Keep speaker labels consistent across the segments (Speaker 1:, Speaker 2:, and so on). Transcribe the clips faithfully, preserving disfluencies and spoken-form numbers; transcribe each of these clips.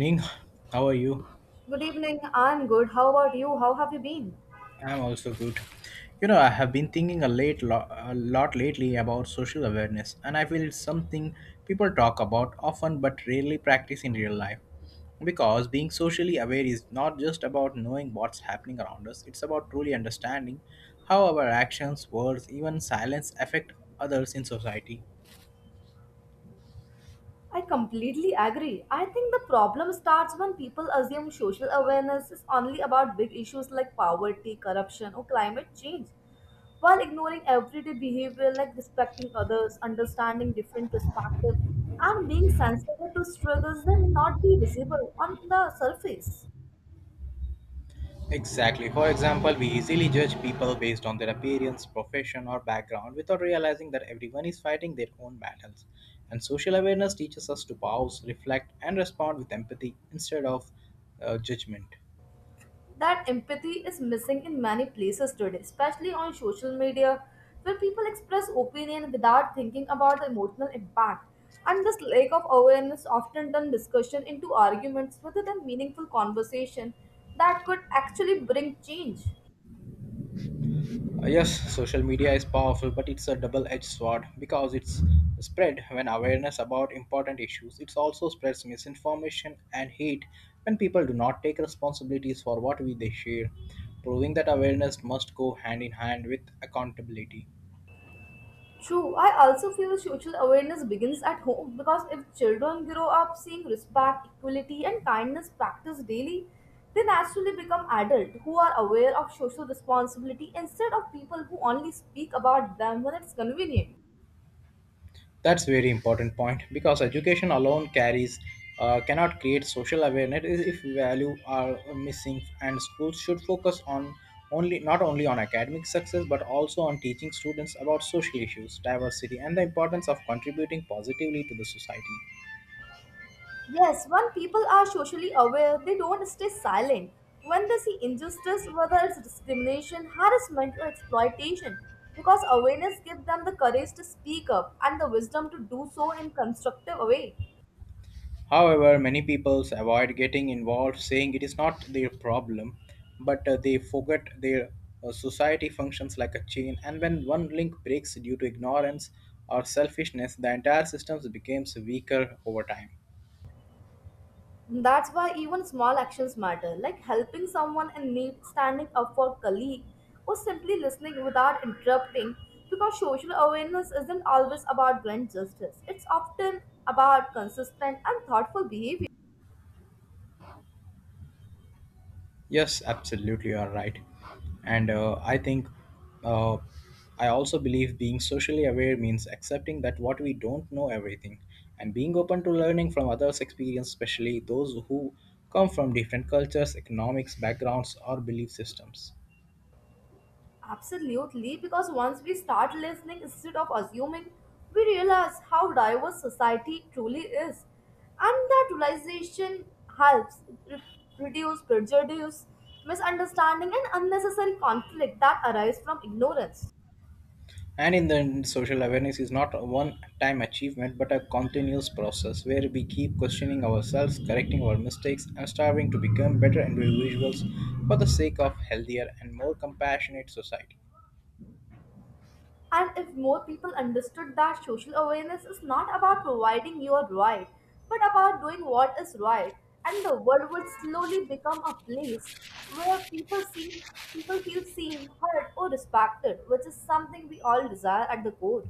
Speaker 1: Ning, how are you?
Speaker 2: Good evening. I'm good. How about you? How have you been?
Speaker 1: I'm also good. You know, I have been thinking a late lo- a lot lately about social awareness, and I feel it's something people talk about often but rarely practice in real life. Because being socially aware is not just about knowing what's happening around us; it's about truly understanding how our actions, words, even silence affect others in society.
Speaker 2: I completely agree. I think the problem starts when people assume social awareness is only about big issues like poverty, corruption, or climate change, while ignoring everyday behavior like respecting others, understanding different perspectives, and being sensitive to struggles that may not be visible on the surface.
Speaker 1: Exactly. For example, we easily judge people based on their appearance, profession, or background without realizing that everyone is fighting their own battles. And social awareness teaches us to pause, reflect, and respond with empathy instead of uh, judgment.
Speaker 2: That empathy is missing in many places today, especially on social media, where people express opinion without thinking about the emotional impact. And this lack of awareness often turns discussion into arguments rather than meaningful conversation that could actually bring change.
Speaker 1: Uh, Yes, social media is powerful, but it's a double edged sword because it's spread when awareness about important issues. It also spreads misinformation and hate when people do not take responsibilities for what we they share, proving that awareness must go hand in hand with accountability.
Speaker 2: True, I also feel social awareness begins at home because if children grow up seeing respect, equality, and kindness practiced daily, they naturally become adults who are aware of social responsibility instead of people who only speak about them when it's convenient.
Speaker 1: That's very important point because education alone carries uh, cannot create social awareness if value are missing, and schools should focus on only not only on academic success but also on teaching students about social issues, diversity, and the importance of contributing positively to the society.
Speaker 2: Yes, when people are socially aware, they don't stay silent. When they see injustice, whether it's discrimination, harassment, or exploitation, because awareness gives them the courage to speak up and the wisdom to do so in constructive way.
Speaker 1: However, many people avoid getting involved, saying it is not their problem, but uh, they forget their uh, society functions like a chain, and when one link breaks due to ignorance or selfishness, the entire system becomes weaker over time.
Speaker 2: That's why even small actions matter, like helping someone in need, standing up for a colleague, or simply listening without interrupting. Because social awareness isn't always about grand justice, it's often about consistent and thoughtful behavior.
Speaker 1: Yes, absolutely, you are right. And uh, I think uh, I also believe being socially aware means accepting that what we don't know everything and being open to learning from others' experience, especially those who come from different cultures, economics, backgrounds, or belief systems.
Speaker 2: Absolutely, because once we start listening instead of assuming, we realize how diverse society truly is. And that realization helps re- reduce prejudice, misunderstanding, and unnecessary conflict that arise from ignorance.
Speaker 1: And in the end, social awareness is not a one time achievement but a continuous process where we keep questioning ourselves, correcting our mistakes, and striving to become better individuals for the sake of healthier and more compassionate society.
Speaker 2: And if more people understood that social awareness is not about providing your right, but about doing what is right, and the world would slowly become a place where people see people feel seen, heard, or respected, which is something we all desire at the core.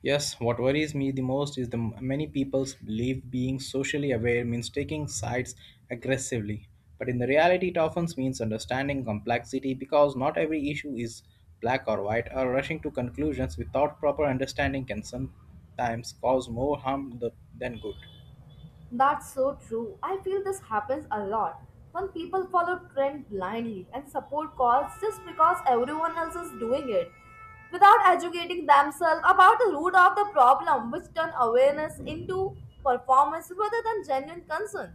Speaker 1: Yes, what worries me the most is the m- many people's believe being socially aware means taking sides aggressively. But in the reality, it often means understanding complexity because not every issue is black or white, or rushing to conclusions without proper understanding can sometimes cause more harm th- than good.
Speaker 2: That's so true. I feel this happens a lot when people follow trend blindly and support cause just because everyone else is doing it without educating themselves about the root of the problem which turn awareness into performance rather than genuine concern.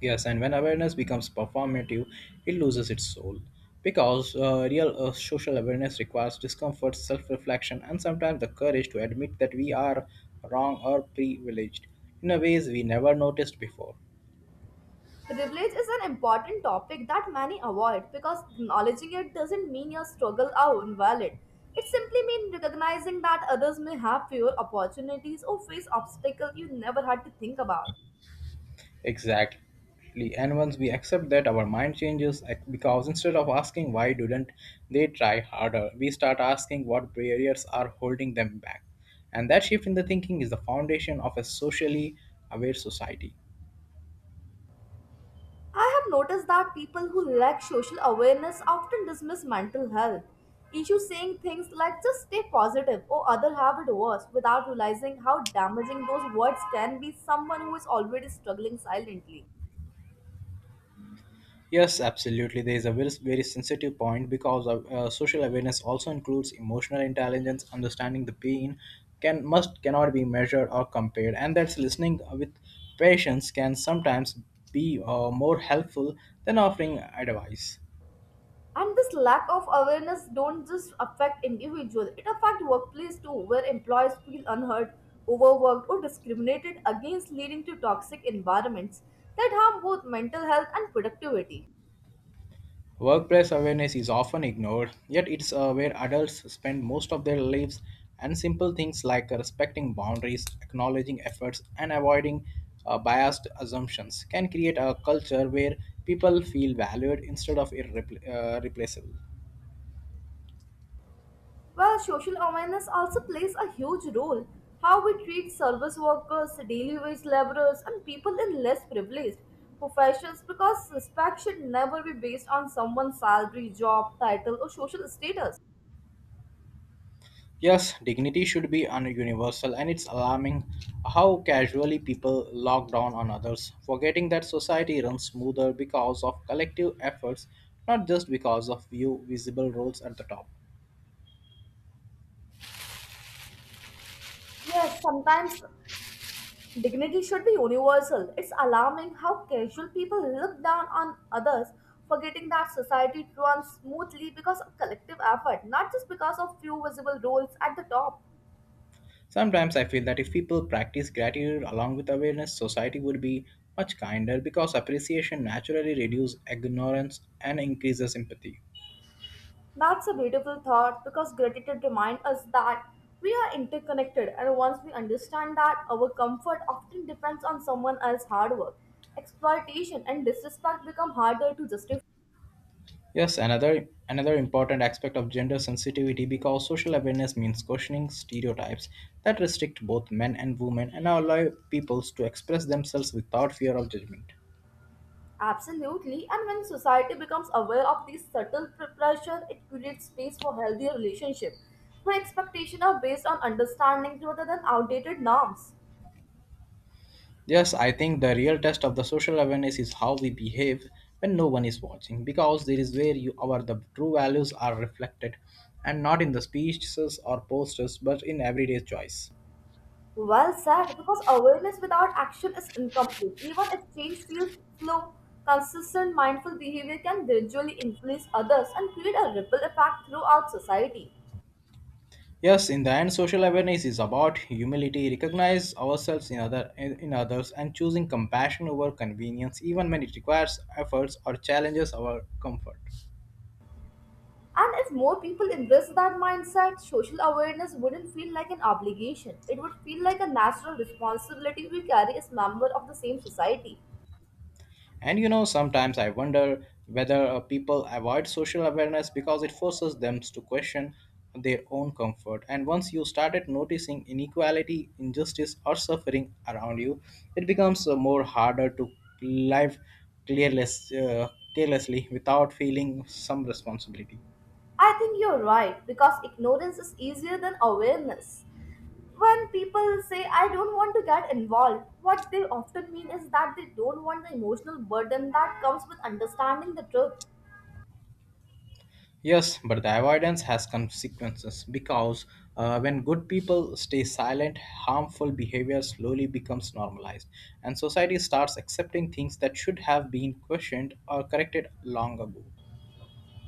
Speaker 1: Yes, and when awareness becomes performative, it loses its soul. Because uh, real uh, social awareness requires discomfort, self reflection, and sometimes the courage to admit that we are wrong or privileged in a ways we never noticed before.
Speaker 2: Privilege is an important topic that many avoid because acknowledging it doesn't mean your struggle are invalid. It simply means recognizing that others may have fewer opportunities or face obstacles you never had to think about.
Speaker 1: Exactly. And once we accept that, our mind changes ac- because instead of asking why didn't they try harder, we start asking what barriers are holding them back. And that shift in the thinking is the foundation of a socially aware society.
Speaker 2: I have noticed that people who lack social awareness often dismiss mental health issues, saying things like just stay positive or other have it worse without realizing how damaging those words can be someone who is already struggling silently.
Speaker 1: Yes, absolutely. There is a very, very sensitive point because of, uh, social awareness also includes emotional intelligence, understanding the pain can must cannot be measured or compared, and that's listening with patience can sometimes be uh, more helpful than offering advice.
Speaker 2: And this lack of awareness don't just affect individuals; it affects workplace too, where employees feel unheard, overworked or discriminated against leading to toxic environments that harm both mental health and productivity.
Speaker 1: Workplace awareness is often ignored, yet it's uh, where adults spend most of their lives, and simple things like uh, respecting boundaries, acknowledging efforts, and avoiding uh, biased assumptions can create a culture where people feel valued instead of irrepl- uh, replaceable.
Speaker 2: Well, social awareness also plays a huge role. How we treat service workers, daily wage laborers, and people in less privileged professions because respect should never be based on someone's salary, job, title, or social status.
Speaker 1: Yes, dignity should be un- universal, and it's alarming how casually people lock down on others, forgetting that society runs smoother because of collective efforts, not just because of few visible roles at the top.
Speaker 2: Yes, sometimes dignity should be universal. It's alarming how casual people look down on others, forgetting that society runs smoothly because of collective effort, not just because of few visible roles at the top.
Speaker 1: Sometimes I feel that if people practice gratitude along with awareness, society would be much kinder because appreciation naturally reduces ignorance and increases empathy.
Speaker 2: That's a beautiful thought because gratitude reminds us that we are interconnected, and once we understand that, our comfort often depends on someone else's hard work. Exploitation and disrespect become harder to justify.
Speaker 1: Yes, another another important aspect of gender sensitivity because social awareness means questioning stereotypes that restrict both men and women and allow peoples to express themselves without fear of judgment.
Speaker 2: Absolutely, and when society becomes aware of these subtle pre- pressure, it creates space for healthier relationships where expectations are based on understanding rather than outdated norms.
Speaker 1: Yes, I think the real test of the social awareness is how we behave when no one is watching, because there is where you our the true values are reflected, and not in the speeches or posters, but in everyday choice.
Speaker 2: Well said, because awareness without action is incomplete. Even if change feels slow, consistent mindful behavior can gradually influence others and create a ripple effect throughout society.
Speaker 1: Yes, in the end, social awareness is about humility, recognize ourselves in other in, in others, and choosing compassion over convenience, even when it requires efforts or challenges our comfort.
Speaker 2: And if more people embrace that mindset, social awareness wouldn't feel like an obligation. It would feel like a natural responsibility we carry as members of the same society.
Speaker 1: And you know, sometimes I wonder whether uh, people avoid social awareness because it forces them to question their own comfort. And once you started noticing inequality, injustice, or suffering around you, it becomes uh, more harder to live careless, uh, carelessly without feeling some responsibility.
Speaker 2: I think you're right, because ignorance is easier than awareness. When people say, I don't want to get involved, what they often mean is that they don't want the emotional burden that comes with understanding the truth.
Speaker 1: Yes, but the avoidance has consequences because uh, when good people stay silent, harmful behavior slowly becomes normalized, and society starts accepting things that should have been questioned or corrected long ago.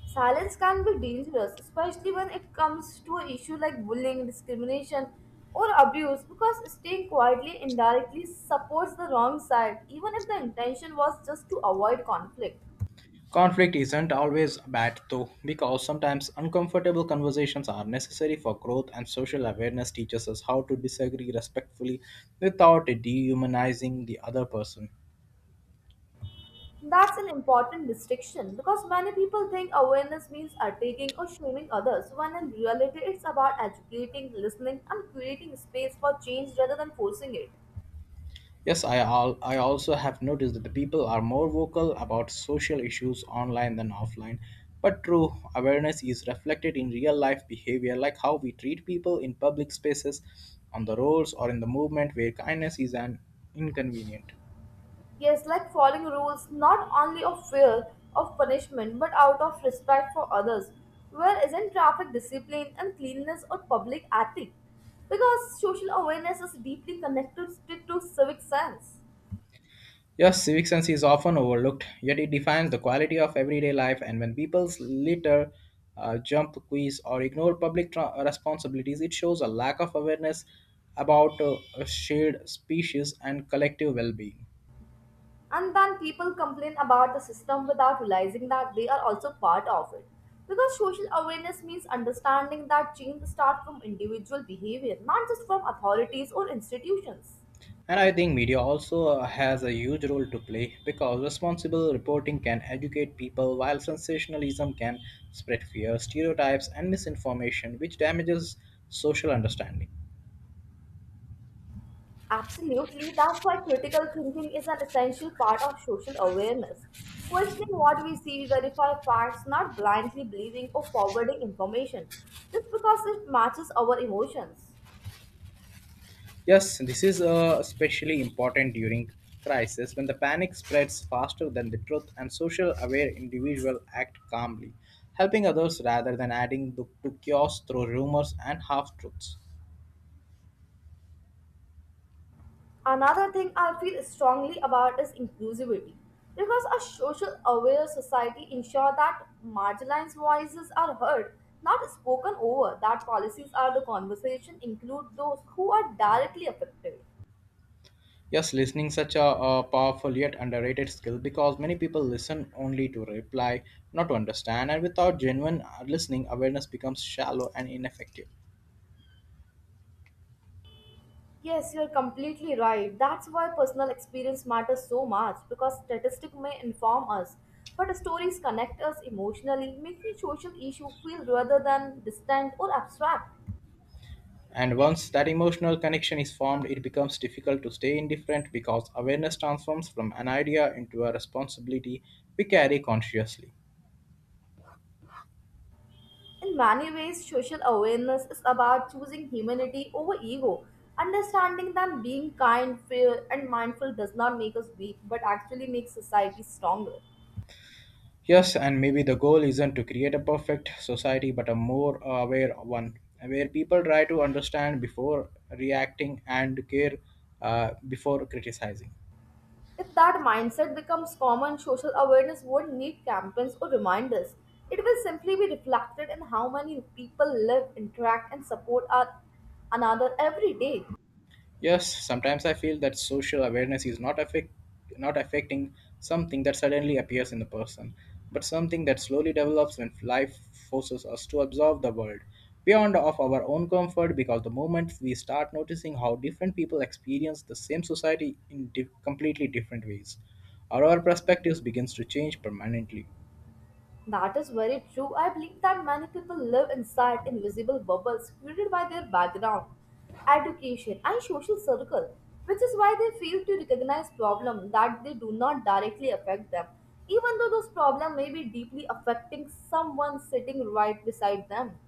Speaker 2: Silence can be dangerous, especially when it comes to an issue like bullying, discrimination, or abuse, because staying quietly indirectly supports the wrong side, even if the intention was just to avoid conflict.
Speaker 1: Conflict isn't always bad, though, because sometimes uncomfortable conversations are necessary for growth, and social awareness teaches us how to disagree respectfully without dehumanizing the other person.
Speaker 2: That's an important distinction because many people think awareness means attacking or shaming others, when in reality, it's about educating, listening, and creating space for change rather than forcing it.
Speaker 1: Yes, I, al- I also have noticed that the people are more vocal about social issues online than offline. But true, awareness is reflected in real life behavior, like how we treat people in public spaces, on the roads, or in the movement where kindness is an inconvenient.
Speaker 2: Yes, like following rules not only of fear of punishment but out of respect for others, where isn't traffic discipline and cleanliness or public ethic? Because social awareness is deeply connected to civic sense.
Speaker 1: Yes, civic sense is often overlooked, yet it defines the quality of everyday life. And when people litter, uh, jump quiz, or ignore public tra- responsibilities, it shows a lack of awareness about uh, a shared species and collective well being.
Speaker 2: And then people complain about the system without realizing that they are also part of it. Because social awareness means understanding that change starts from individual behavior, not just from authorities or institutions.
Speaker 1: And I think media also uh, has a huge role to play because responsible reporting can educate people while sensationalism can spread fear, stereotypes, and misinformation, which damages social understanding.
Speaker 2: Absolutely, that's why critical thinking is an essential part of social awareness. Questioning what we see, we verify facts, not blindly believing or forwarding information just because it matches our emotions.
Speaker 1: Yes, this is uh, especially important during crisis when the panic spreads faster than the truth, and social aware individuals act calmly, helping others rather than adding to, to chaos through rumors and half truths.
Speaker 2: Another thing I feel strongly about is inclusivity. Because a social aware society ensure that marginalized voices are heard, not spoken over, that policies are the conversation include those who are directly affected.
Speaker 1: Yes, listening such a, uh powerful yet underrated skill because many people listen only to reply, not to understand, and without genuine uh, listening, awareness becomes shallow and ineffective.
Speaker 2: Yes, you're completely right. That's why personal experience matters so much because statistics may inform us, but stories connect us emotionally, making social issue feel rather than distant or abstract.
Speaker 1: And once that emotional connection is formed, it becomes difficult to stay indifferent because awareness transforms from an idea into a responsibility we carry consciously.
Speaker 2: In many ways, social awareness is about choosing humanity over ego. Understanding that being kind, fair, and mindful does not make us weak but actually makes society stronger.
Speaker 1: Yes, and maybe the goal isn't to create a perfect society but a more aware one, where people try to understand before reacting and care uh, before criticizing.
Speaker 2: If that mindset becomes common, social awareness won't need campaigns or reminders. It will simply be reflected in how many people live, interact, and support our, another every day.
Speaker 1: Yes, sometimes I feel that social awareness is not affect not affecting something that suddenly appears in the person, but something that slowly develops when life forces us to observe the world beyond of our own comfort, because the moment we start noticing how different people experience the same society in di- completely different ways, our perspectives begins to change permanently.
Speaker 2: That is very true. I believe that many people live inside invisible bubbles created by their background, education, and social circle, which is why they fail to recognize problems that they do not directly affect them, even though those problems may be deeply affecting someone sitting right beside them.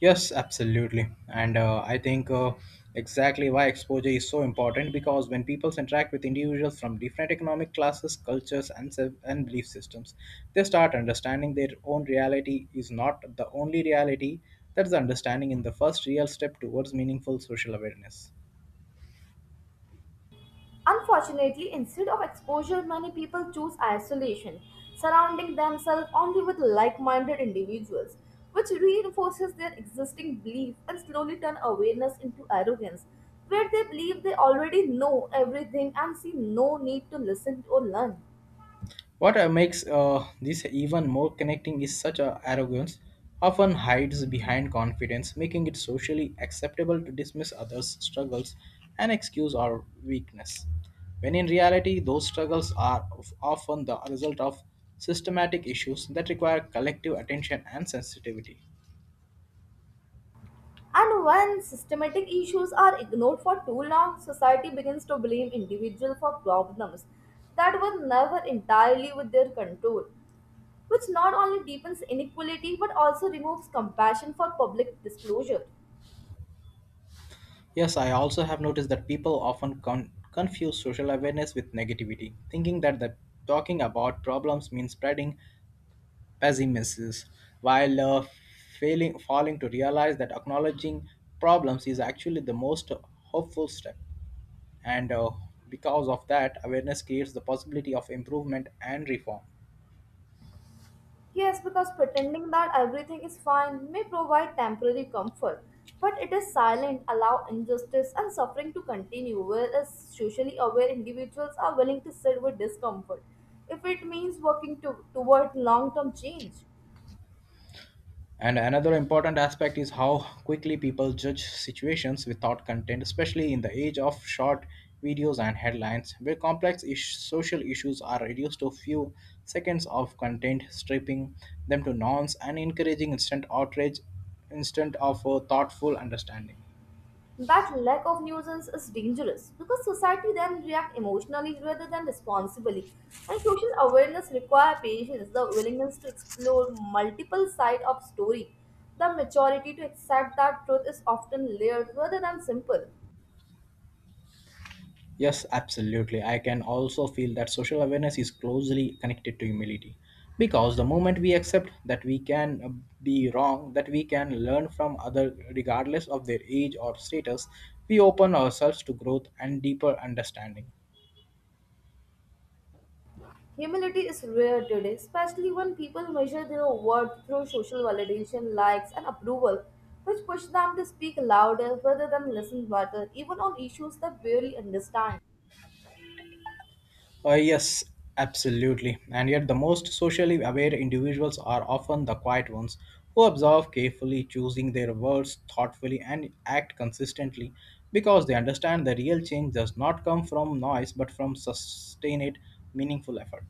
Speaker 1: Yes, absolutely. And uh, I think uh, exactly why exposure is so important because when people interact with individuals from different economic classes, cultures, and, self- and belief systems, they start understanding their own reality is not the only reality. That's the understanding in the first real step towards meaningful social awareness.
Speaker 2: Unfortunately, instead of exposure, many people choose isolation, surrounding themselves only with like minded individuals, which reinforces their existing belief and slowly turn awareness into arrogance, where they believe they already know everything and see no need to listen or learn.
Speaker 1: What uh, makes uh, this even more connecting is such a arrogance often hides behind confidence, making it socially acceptable to dismiss others' struggles and excuse our weakness. When in reality, those struggles are of- often the result of systematic issues that require collective attention and sensitivity.
Speaker 2: And when systematic issues are ignored for too long, society begins to blame individuals for problems that were never entirely with their control which not only deepens inequality but also removes compassion for public disclosure.
Speaker 1: Yes, I also have noticed that people often con- confuse social awareness with negativity, thinking that the talking about problems means spreading pessimists while uh, failing falling to realize that acknowledging problems is actually the most hopeful step, and uh, because of that awareness creates the possibility of improvement and reform.
Speaker 2: Yes, because pretending that everything is fine may provide temporary comfort, but it is silent, allow injustice and suffering to continue, whereas socially aware individuals are willing to sit with discomfort if it means working to, toward long term change.
Speaker 1: And another important aspect is how quickly people judge situations without content, especially in the age of short videos and headlines, where complex ish- social issues are reduced to few seconds of content, stripping them to nouns and encouraging instant outrage instead of a thoughtful understanding.
Speaker 2: That lack of nuisance is dangerous because society then reacts emotionally rather than responsibly. And social awareness requires patience, the willingness to explore multiple sides of story, the maturity to accept that truth is often layered rather than simple.
Speaker 1: Yes, absolutely. I can also feel that social awareness is closely connected to humility. Because the moment we accept that we can uh, be wrong, that we can learn from other, regardless of their age or status, we open ourselves to growth and deeper understanding.
Speaker 2: Humility is rare today, especially when people measure their worth through social validation, likes, and approval, which push them to speak louder rather than listen better, even on issues they barely understand.
Speaker 1: Uh, yes, absolutely. And yet, the most socially aware individuals are often the quiet ones who observe carefully, choosing their words thoughtfully, and act consistently because they understand the real change does not come from noise but from sustained, meaningful effort.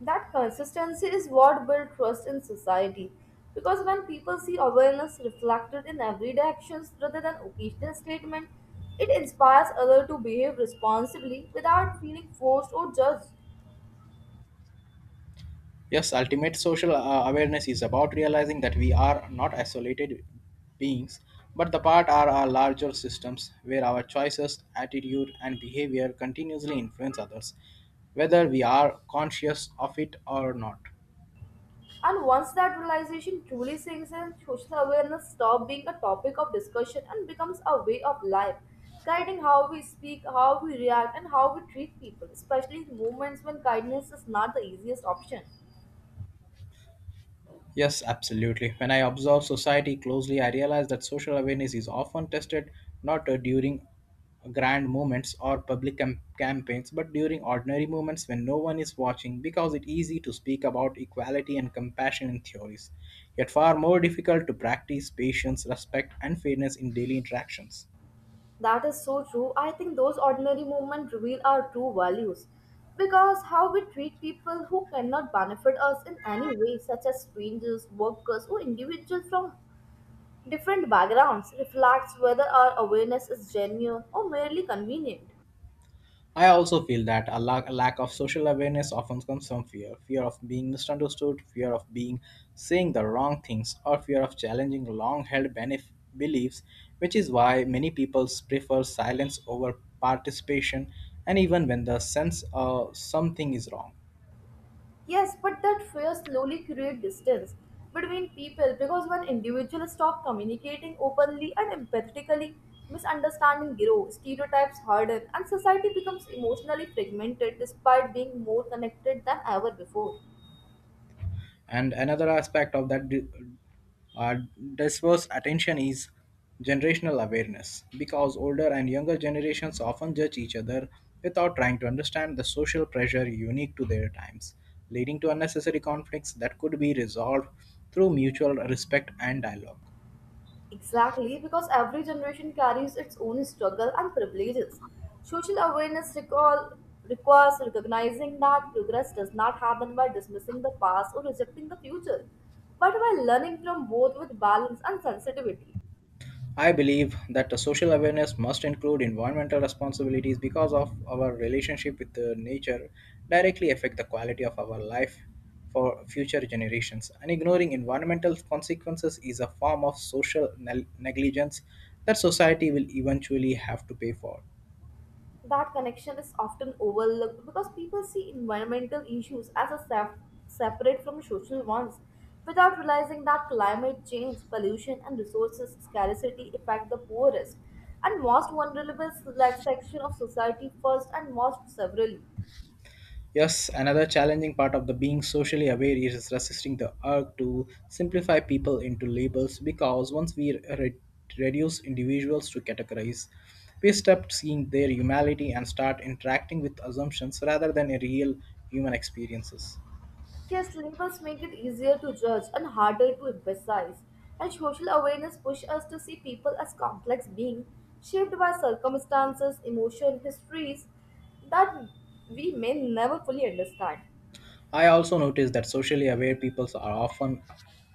Speaker 2: That consistency is what builds trust in society. Because when people see awareness reflected in everyday actions rather than occasional statements, it inspires others to behave responsibly without feeling forced or judged.
Speaker 1: Yes, ultimate social uh, awareness is about realizing that we are not isolated beings, but the part are our larger systems where our choices, attitude, and behavior continuously influence others, whether we are conscious of it or not.
Speaker 2: And once that realization truly sinks in, social awareness stops being a topic of discussion and becomes a way of life, guiding how we speak, how we react, and how we treat people, especially in moments when kindness is not the easiest option.
Speaker 1: Yes, absolutely. When I observe society closely, I realize that social awareness is often tested not uh, during grand moments or public cam- campaigns, but during ordinary moments when no one is watching, because it's easy to speak about equality and compassion in theories, yet far more difficult to practice patience, respect, and fairness in daily interactions.
Speaker 2: That is so true. I think those ordinary movements reveal our true values. Because how we treat people who cannot benefit us in any way, such as strangers, workers, or individuals from different backgrounds, reflects whether our awareness is genuine or merely convenient.
Speaker 1: I also feel that a lack, a lack of social awareness often comes from fear fear of being misunderstood, fear of being saying the wrong things, or fear of challenging long held benef- beliefs, which is why many people prefer silence over participation, and even when the sense of something is wrong.
Speaker 2: Yes, but that fear slowly creates distance between people because when individuals stop communicating openly and empathetically, misunderstanding grow, stereotypes harden, and society becomes emotionally fragmented despite being more connected than ever before.
Speaker 1: And another aspect of that di- uh, diverse attention is generational awareness because older and younger generations often judge each other without trying to understand the social pressure unique to their times, leading to unnecessary conflicts that could be resolved through mutual respect and dialogue.
Speaker 2: Exactly, because every generation carries its own struggle and privileges. Social awareness recall, requires recognizing that progress does not happen by dismissing the past or rejecting the future, but by learning from both with balance and sensitivity.
Speaker 1: I believe that the social awareness must include environmental responsibilities because of our relationship with the nature directly affect the quality of our life for future generations. And ignoring environmental consequences is a form of social neg- negligence that society will eventually have to pay for.
Speaker 2: That connection is often overlooked because people see environmental issues as a sep- separate from social ones without realizing that climate change, pollution, and resources scarcity affect the poorest and most vulnerable select section of society first and most severely.
Speaker 1: Yes, another challenging part of the being socially aware is resisting the urge to simplify people into labels because once we re- reduce individuals to categories, we stop seeing their humanity and start interacting with assumptions rather than a real human experiences.
Speaker 2: Yes, labels make it easier to judge and harder to emphasize, and social awareness pushes us to see people as complex beings shaped by circumstances, emotion, histories that we may never fully understand.
Speaker 1: I also noticed that socially aware people are often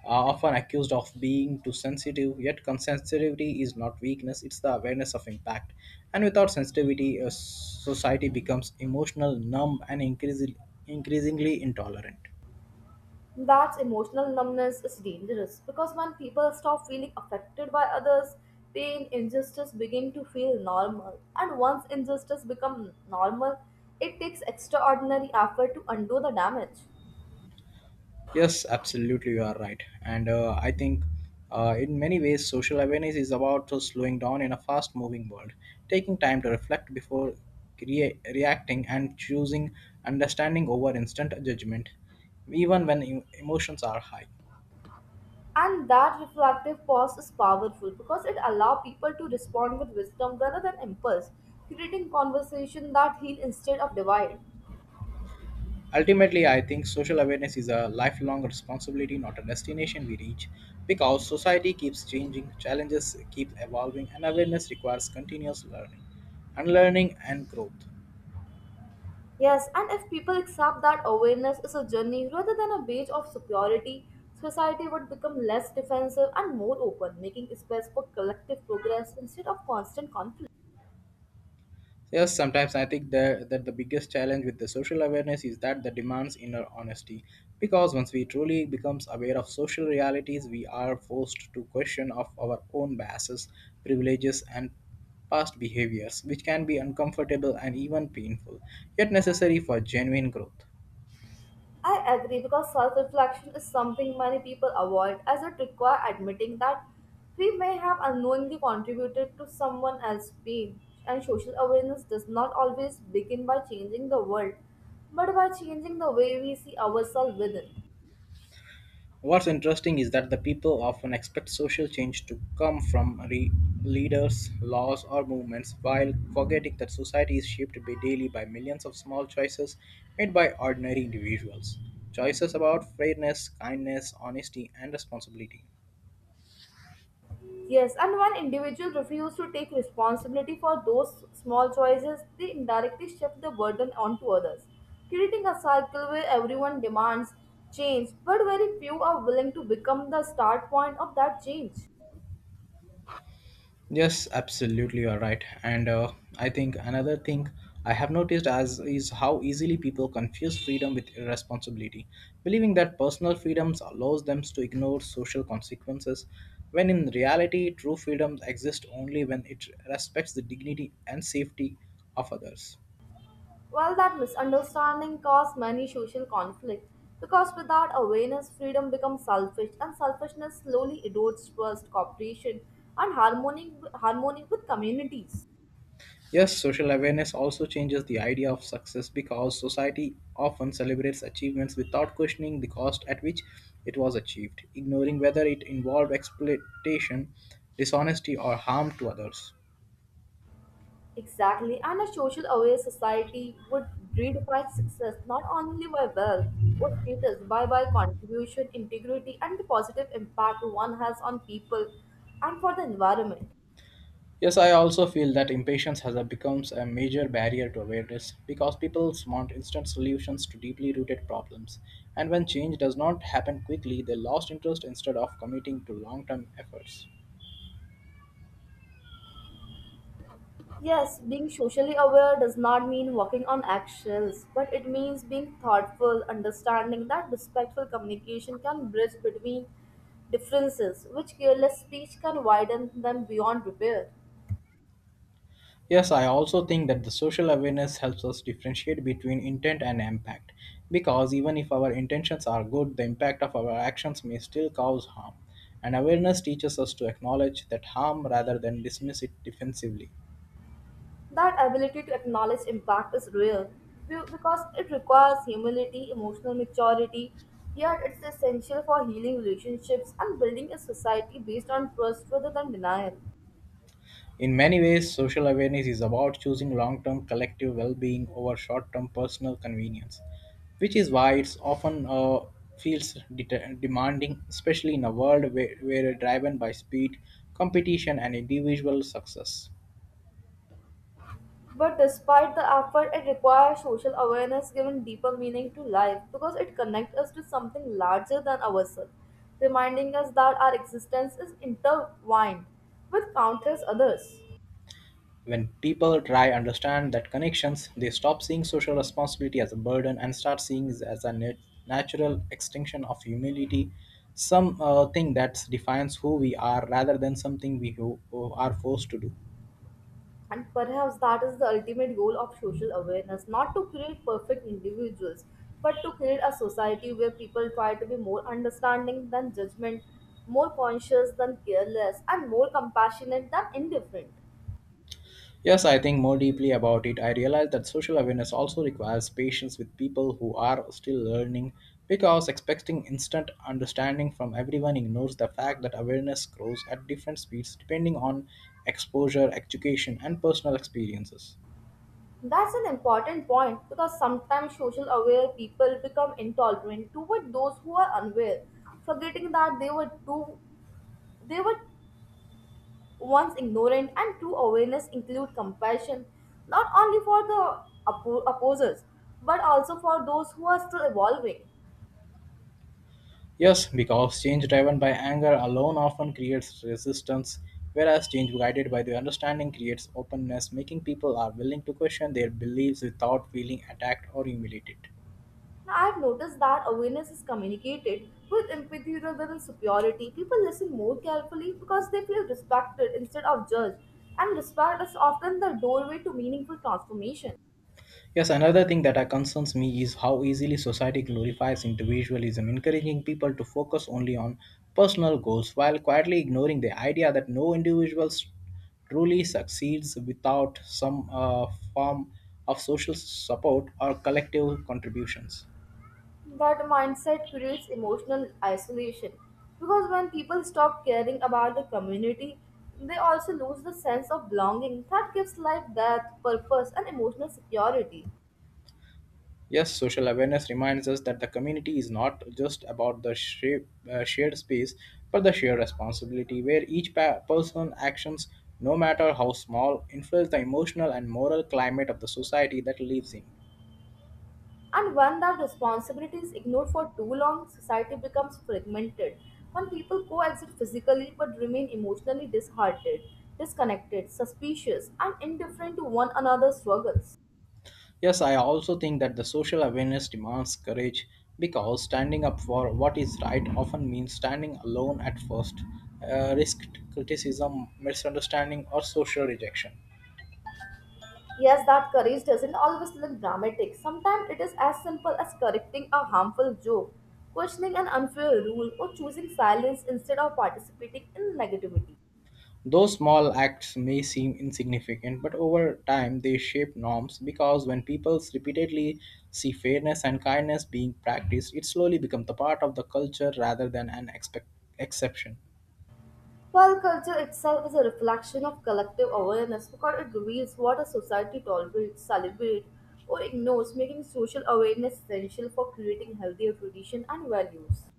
Speaker 1: are often accused of being too sensitive, yet sensitivity is not weakness, it's the awareness of impact. And without sensitivity, a society becomes emotional, numb, and increasingly, increasingly intolerant.
Speaker 2: That emotional numbness is dangerous because when people stop feeling affected by others, pain, injustice begin to feel normal, and once injustice becomes normal, it takes extraordinary effort to undo the damage.
Speaker 1: Yes, absolutely, you are right. And uh, I think uh, in many ways, social awareness is about uh, slowing down in a fast moving world, taking time to reflect before rea- reacting and choosing understanding over instant judgment, even when em- emotions are high.
Speaker 2: And that reflective pause is powerful because it allows people to respond with wisdom rather than impulse, creating conversation that heal instead of divide.
Speaker 1: Ultimately, I think social awareness is a lifelong responsibility, not a destination we reach, because society keeps changing, challenges keep evolving, and awareness requires continuous learning, unlearning, and growth.
Speaker 2: Yes, and if people accept that awareness is a journey rather than a badge of superiority, society would become less defensive and more open, making space for collective progress instead of constant conflict.
Speaker 1: Yes, sometimes I think that, that the biggest challenge with the social awareness is that the demands inner honesty. Because once we truly becomes aware of social realities, we are forced to question of our own biases, privileges, and past behaviors, which can be uncomfortable and even painful, yet necessary for genuine growth.
Speaker 2: I agree because self reflection is something many people avoid as it requires admitting that we may have unknowingly contributed to someone else's pain. And social awareness does not always begin by changing the world, but by changing the way we see ourselves within.
Speaker 1: What's interesting is that the people often expect social change to come from re- leaders, laws, or movements, while forgetting that society is shaped by daily by millions of small choices made by ordinary individuals. Choices about fairness, kindness, honesty, and responsibility.
Speaker 2: Yes, and when individuals refuse to take responsibility for those small choices, they indirectly shift the burden onto others, creating a cycle where everyone demands change, but very few are willing to become the start point of that change.
Speaker 1: Yes, absolutely, you're right. And uh, I think another thing I have noticed as is how easily people confuse freedom with irresponsibility, believing that personal freedoms allows them to ignore social consequences, when in reality, true freedoms exist only when it respects the dignity and safety of others.
Speaker 2: While that misunderstanding causes many social conflict, because without awareness, freedom becomes selfish, and selfishness slowly erodes trust, cooperation, and harmony, harmony with communities.
Speaker 1: Yes, social awareness also changes the idea of success because society often celebrates achievements without questioning the cost at which it was achieved, ignoring whether it involved exploitation, dishonesty, or harm to others.
Speaker 2: Exactly, and a social aware society would redefine success not only by wealth or status, but by contribution, integrity, and the positive impact one has on people and for the environment.
Speaker 1: Yes, I also feel that impatience has a- becomes a major barrier to awareness because people want instant solutions to deeply rooted problems, and when change does not happen quickly, they lost interest instead of committing to long-term efforts.
Speaker 2: Yes, being socially aware does not mean walking on eggshells, but it means being thoughtful, understanding that respectful communication can bridge between differences, which careless speech can widen them beyond repair.
Speaker 1: Yes, I also think that the social awareness helps us differentiate between intent and impact because even if our intentions are good, the impact of our actions may still cause harm. And awareness teaches us to acknowledge that harm rather than dismiss it defensively.
Speaker 2: That ability to acknowledge impact is rare be- because it requires humility, emotional maturity, yet it's essential for healing relationships and building a society based on trust rather than denial.
Speaker 1: In many ways, social awareness is about choosing long term collective well being over short term personal convenience, which is why it's often uh, feels det- demanding, especially in a world where, where driven by speed, competition, and individual success.
Speaker 2: But despite the effort, it requires social awareness given deeper meaning to life because it connects us to something larger than ourselves, reminding us that our existence is intertwined with countless others.
Speaker 1: When people try understand that connections, they stop seeing social responsibility as a burden and start seeing it as a nat- natural extension of humility, some uh, thing that defines who we are rather than something we who, who are forced to do.
Speaker 2: And perhaps that is the ultimate goal of social awareness not to create perfect individuals, but to create a society where people try to be more understanding than judgment, more conscious than careless, and more compassionate than indifferent.
Speaker 1: Yes, I think more deeply about it. I realize that social awareness also requires patience with people who are still learning because expecting instant understanding from everyone ignores the fact that awareness grows at different speeds depending on exposure, education, and personal experiences.
Speaker 2: That's an important point because sometimes social aware people become intolerant toward those who are unaware, forgetting that they were too they were One's ignorant and true awareness include compassion not only for the oppo- opposers but also for those who are still evolving.
Speaker 1: Yes, because change driven by anger alone often creates resistance, whereas change guided by the understanding creates openness, making people are willing to question their beliefs without feeling attacked or humiliated.
Speaker 2: Now, I've noticed that awareness is communicated with empathy rather than superiority. People listen more carefully because they feel respected instead of judged, and respect is often the doorway to meaningful transformation.
Speaker 1: Yes, another thing that uh, concerns me is how easily society glorifies individualism, encouraging people to focus only on personal goals while quietly ignoring the idea that no individual s- truly succeeds without some uh, form of social support or collective contributions.
Speaker 2: That mindset creates emotional isolation because when people stop caring about the community, they also lose the sense of belonging that gives life depth, purpose, and emotional security.
Speaker 1: Yes, social awareness reminds us that the community is not just about the shape, uh, shared space, but the shared responsibility where each pa- person's actions, no matter how small, influence the emotional and moral climate of the society that lives in.
Speaker 2: And when that responsibility is ignored for too long, society becomes fragmented. When people coexist physically but remain emotionally disheartened, disconnected, suspicious, and indifferent to one another's struggles.
Speaker 1: Yes, I also think that the social awareness demands courage because standing up for what is right often means standing alone at first, uh, risked criticism, misunderstanding, or social rejection.
Speaker 2: Yes, that courage doesn't always look dramatic. Sometimes it is as simple as correcting a harmful joke, questioning an unfair rule, or choosing silence instead of participating in negativity.
Speaker 1: Those small acts may seem insignificant, but over time they shape norms because when people repeatedly see fairness and kindness being practiced, it slowly becomes the part of the culture rather than an expect- exception.
Speaker 2: Well, culture itself is a reflection of collective awareness because it reveals what a society tolerates, celebrates, or ignores, making social awareness essential for creating healthier tradition and values.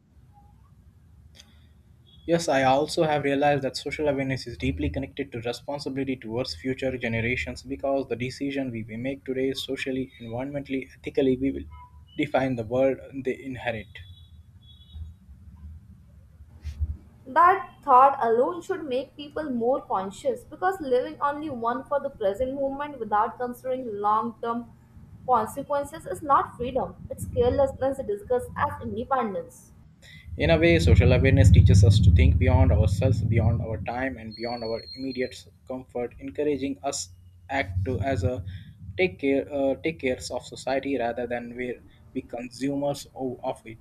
Speaker 1: Yes, I also have realized that social awareness is deeply connected to responsibility towards future generations because the decision we we make today socially, environmentally, ethically, we will define the world they inherit.
Speaker 2: That thought alone should make people more conscious because living only one for the present moment without considering long term consequences is not freedom, it's carelessness discussed as independence.
Speaker 1: In a way, social awareness teaches us to think beyond ourselves, beyond our time, and beyond our immediate comfort, encouraging us act to as a take care uh, take cares of society rather than we be consumers of, of it.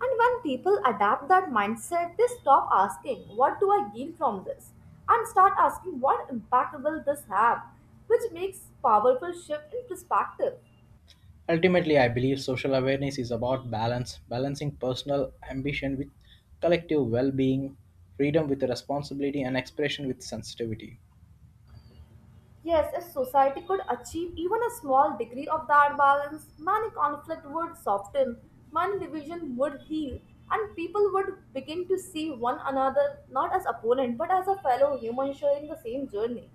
Speaker 2: And when people adapt that mindset, they stop asking, "What do I gain from this?" and start asking, "What impact will this have?" which makes powerful shift in perspective.
Speaker 1: Ultimately, I believe social awareness is about balance, balancing personal ambition with collective well-being, freedom with responsibility, and expression with sensitivity.
Speaker 2: Yes, if society could achieve even a small degree of that balance, many conflict would soften, many division would heal, and people would begin to see one another not as opponent but as a fellow human sharing the same journey.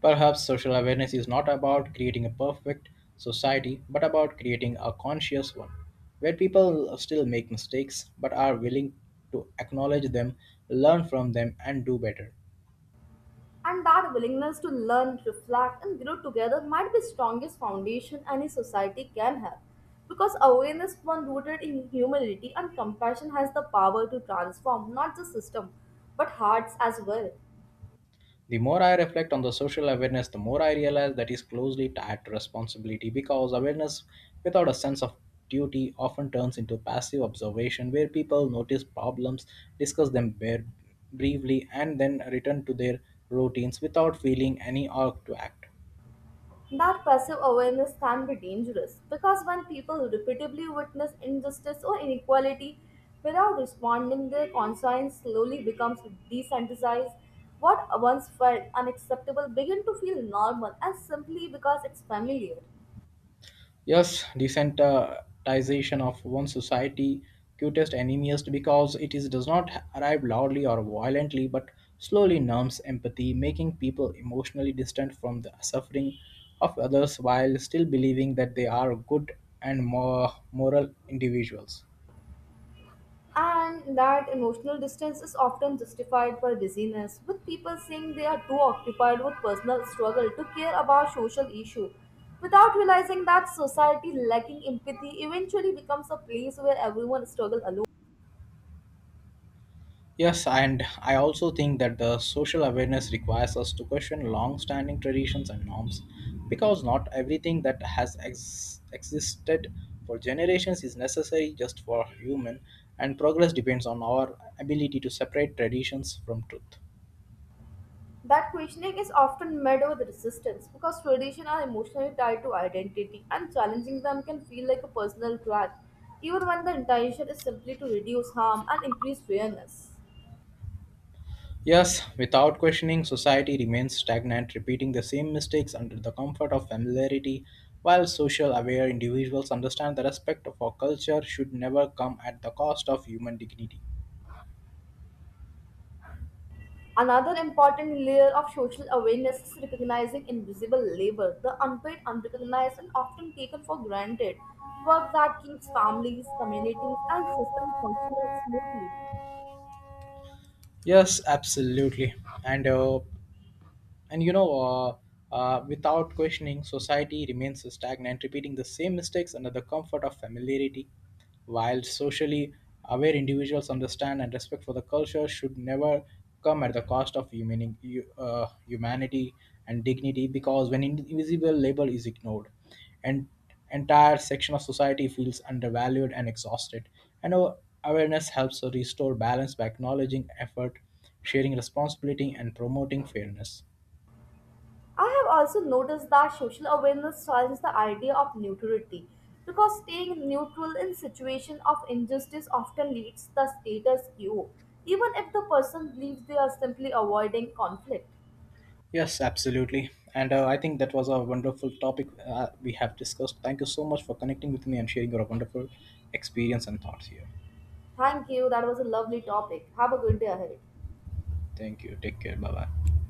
Speaker 1: Perhaps social awareness is not about creating a perfect society, but about creating a conscious one, where people still make mistakes but are willing to acknowledge them, learn from them, and do better.
Speaker 2: And that willingness to learn, reflect, and grow together might be strongest foundation any society can have. Because awareness, one rooted in humility and compassion, has the power to transform not just system but hearts as well.
Speaker 1: The more I reflect on the social awareness, the more I realize that is closely tied to responsibility because awareness without a sense of duty often turns into passive observation where people notice problems, discuss them bare- briefly, and then return to their routines without feeling any urge to act.
Speaker 2: That passive awareness can be dangerous because when people repeatedly witness injustice or inequality without responding, their conscience slowly becomes desensitized. What once felt unacceptable begin to feel normal and simply because it's familiar.
Speaker 1: Yes, desensitization of one society cutest enemies because it is does not arrive loudly or violently but slowly numbs empathy, making people emotionally distant from the suffering of others while still believing that they are good and more moral individuals.
Speaker 2: And that emotional distance is often justified by busyness, with people saying they are too occupied with personal struggle to care about social issue, without realizing that society lacking empathy eventually becomes a place where everyone struggles alone.
Speaker 1: Yes, and I also think that the social awareness requires us to question long standing traditions and norms because not everything that has ex- existed for generations is necessary just for human, and progress depends on our ability to separate traditions from truth.
Speaker 2: That questioning is often met with resistance because traditions are emotionally tied to identity, and challenging them can feel like a personal threat, even when the intention is simply to reduce harm and increase fairness.
Speaker 1: Yes, without questioning, society remains stagnant, repeating the same mistakes under the comfort of familiarity, while social aware individuals understand the respect of our culture should never come at the cost of human dignity.
Speaker 2: Another important layer of social awareness is recognizing invisible labor, the unpaid, unrecognized, and often taken for granted work that keeps families, communities, and systems functional smoothly.
Speaker 1: Yes, absolutely. And uh, and you know, uh, uh, Without questioning, society remains stagnant, repeating the same mistakes under the comfort of familiarity. While socially aware individuals understand and respect for the culture should never come at the cost of human, uh, humanity and dignity, because when invisible labor is ignored, an entire section of society feels undervalued and exhausted. And our awareness helps to restore balance by acknowledging effort, sharing responsibility, and promoting fairness.
Speaker 2: I have also noticed that social awareness challenges the idea of neutrality because staying neutral in situation of injustice often leads to the status quo, even if the person believes they are simply avoiding conflict.
Speaker 1: Yes, absolutely. And uh, I think that was a wonderful topic uh, we have discussed. Thank you so much for connecting with me and sharing your wonderful experience and thoughts here.
Speaker 2: Thank you. That was a lovely topic. Have a good day ahead.
Speaker 1: Thank you. Take care. Bye bye.